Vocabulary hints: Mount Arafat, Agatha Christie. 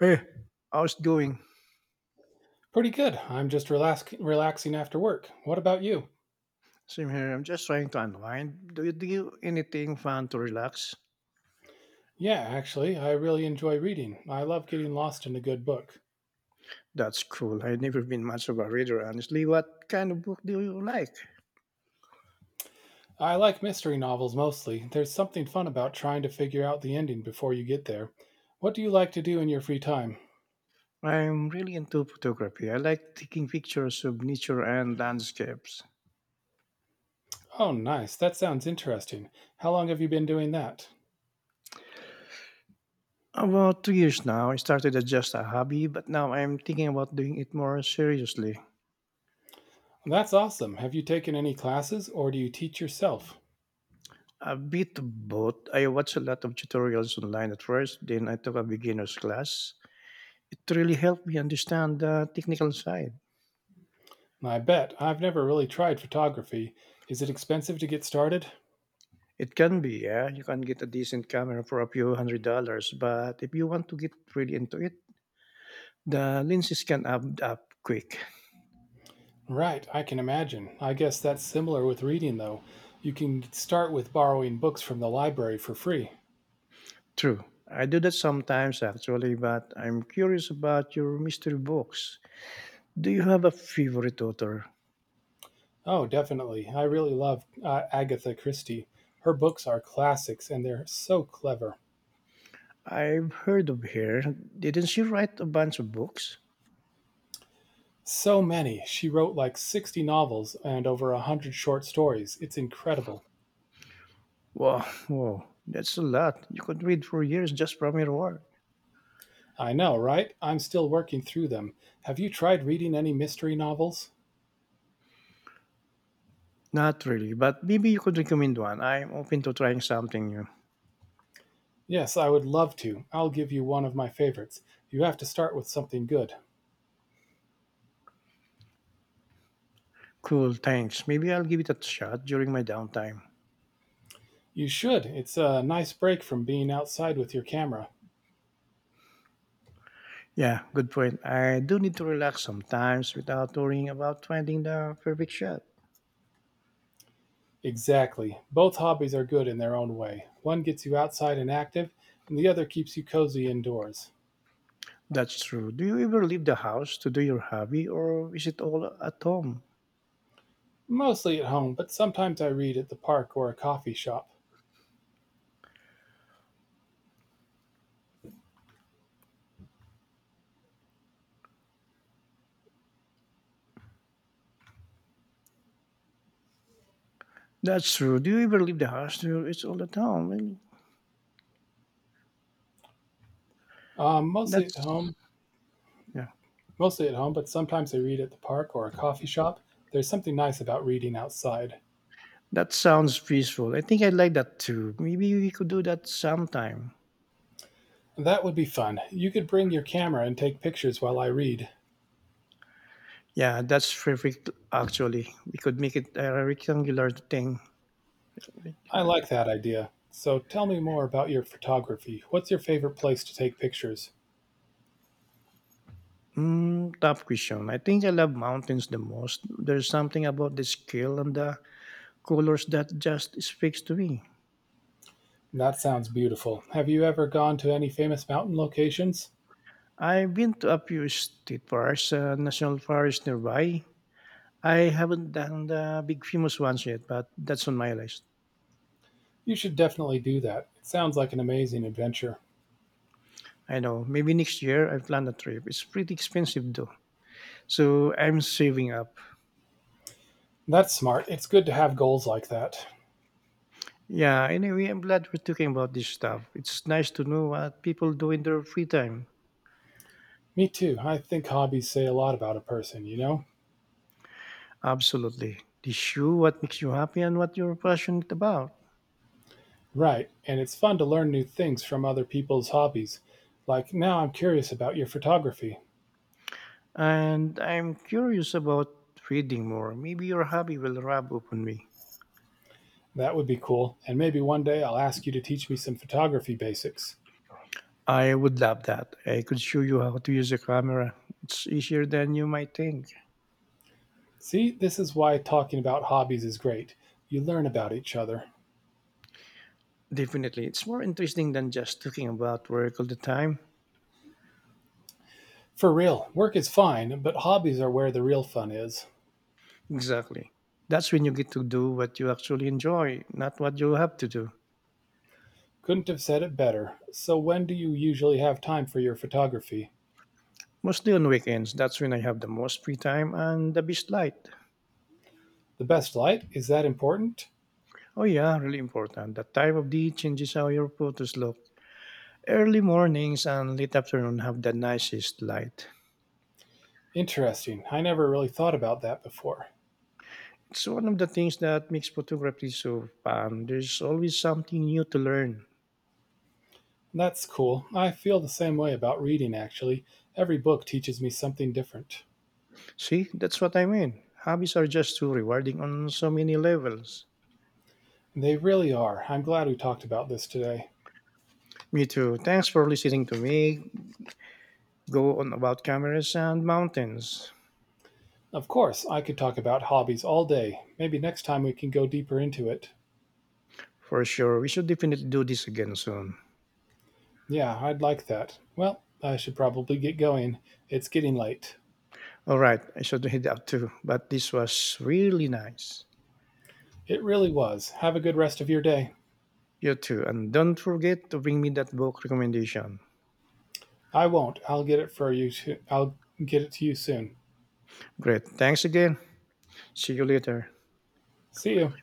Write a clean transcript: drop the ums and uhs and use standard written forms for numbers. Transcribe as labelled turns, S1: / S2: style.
S1: Hey, how's it going?
S2: Pretty good. I'm just relaxing after work. What about you?
S1: Same here. I'm just trying to unwind. Do you do anything fun to relax?
S2: Yeah, actually, I really enjoy reading. I love getting lost in a good book.
S1: That's cool. I've never been much of a reader, honestly. What kind of book do you like?
S2: I like mystery novels mostly. There's something fun about trying to figure out the ending before you get there. What do you like to do in your free time?
S1: I'm really into photography. I like taking pictures of nature and landscapes.
S2: Oh, nice. That sounds interesting. How long have you been doing that?
S1: About 2 years now, I started as just a hobby, but now I'm thinking about doing it more seriously.
S2: That's awesome. Have you taken any classes or do you teach yourself?
S1: A bit of both. I watched a lot of tutorials online at first, then I took a beginner's class. It really helped me understand the technical side.
S2: I bet. I've never really tried photography. Is it expensive to get started?
S1: It can be, yeah. You can get a decent camera for a few hundred dollars, but if you want to get really into it, the lenses can add up quick.
S2: Right, I can imagine. I guess that's similar with reading, though. You can start with borrowing books from the library for free.
S1: True. I do that sometimes actually, but I'm curious about your mystery books. Do you have a favorite author?
S2: Oh, definitely. I really love Agatha Christie. Her books are classics and they're so clever.
S1: I've heard of her. Didn't she write a bunch of books?
S2: So many. She wrote like 60 novels and over a 100 short stories. It's incredible.
S1: Wow, wow, that's a lot. You could read for years just from her work.
S2: I know, right? I'm still working through them. Have you tried reading any mystery novels?
S1: Not really, but maybe you could recommend one. I'm open to trying something new.
S2: Yes, I would love to. I'll give you one of my favorites. You have to start with something good.
S1: Cool, thanks. Maybe I'll give it a shot during my downtime.
S2: You should. It's a nice break from being outside with your camera.
S1: Yeah, good point. I do need to relax sometimes without worrying about finding the perfect shot.
S2: Exactly. Both hobbies are good in their own way. One gets you outside and active, and the other keeps you cozy indoors.
S1: That's true. Do you ever leave the house to do your hobby or is it all at home?
S2: Mostly at home, but sometimes I read at the park or a coffee shop.
S1: That's true. Do you ever leave the house to it's all at home? Really?
S2: Mostly at
S1: That's,
S2: home,
S1: yeah.
S2: mostly at home, but sometimes I read at the park or a coffee shop. There's something nice about reading outside.
S1: That sounds peaceful. I think I like that too. Maybe we could do that sometime.
S2: That would be fun. You could bring your camera and take pictures while I read.
S1: Yeah, that's perfect actually. We could make it a rectangular thing.
S2: I
S1: Rectangular
S2: like that idea. So tell me more about your photography. What's your favorite place to take pictures?
S1: Mm, tough question. I think I love mountains the most. There's something about the scale and the colors that just speaks to me.
S2: That sounds beautiful. Have you ever gone to any famous mountain locations?
S1: I've been to a few state parks, national parks nearby. I haven't done the big famous ones yet, but that's on my list.
S2: You should definitely do that. It sounds like an amazing adventure.
S1: I know. Maybe next year I plan a trip. It's pretty expensive though, so I'm saving up.
S2: That's smart. It's good to have goals like that.
S1: Yeah. Anyway, I'm glad we're talking about this stuff. It's nice to know what people do in their free time.
S2: Me too. I think hobbies say a lot about a person, you know?
S1: Absolutely. The what makes you happy and what you're passionate about.
S2: Right. And it's fun to learn new things from other people's hobbies. Like, now I'm curious about your photography.
S1: And I'm curious about reading more. Maybe your hobby will rub upon me.
S2: That would be cool. And maybe one day I'll ask you to teach me some photography basics.
S1: I would love that. I could show you how to use a camera. It's easier than you might think.
S2: See, this is why talking about hobbies is great. You learn about each other.
S1: Definitely. It's more interesting than just talking about work all the time.
S2: For real, work is fine, but hobbies are where the real fun is.
S1: Exactly. That's when you get to do what you actually enjoy, not what you have to do.
S2: Couldn't have said it better. So, when do you usually have time for your photography?
S1: Mostly on weekends, that's when I have the most free time and the best light.
S2: The best light? Is that important?
S1: Oh yeah, really important. The time of day changes how your photos look. Early mornings and late afternoon have the nicest light.
S2: Interesting. I never really thought about that before.
S1: It's one of the things that makes photography so fun. There's always something new to learn.
S2: That's cool. I feel the same way about reading, actually. Every book teaches me something different.
S1: See, that's what I mean. Hobbies are just too rewarding on so many levels.
S2: They really are. I'm glad we talked about this today.
S1: Me too. Thanks for listening to me go on about cameras and mountains.
S2: Of course, I could talk about hobbies all day. Maybe next time we can go deeper into it.
S1: For sure, we should definitely do this again soon.
S2: Yeah, I'd like that. Well, I should probably get going. It's getting late.
S1: All right, I should head out too, but this was really nice.
S2: It really was. Have a good rest of your day.
S1: You too. And don't forget to bring me that book recommendation.
S2: I won't. I'll get it for you. To, I'll get it to you soon.
S1: Great. Thanks again. See you later.
S2: See you.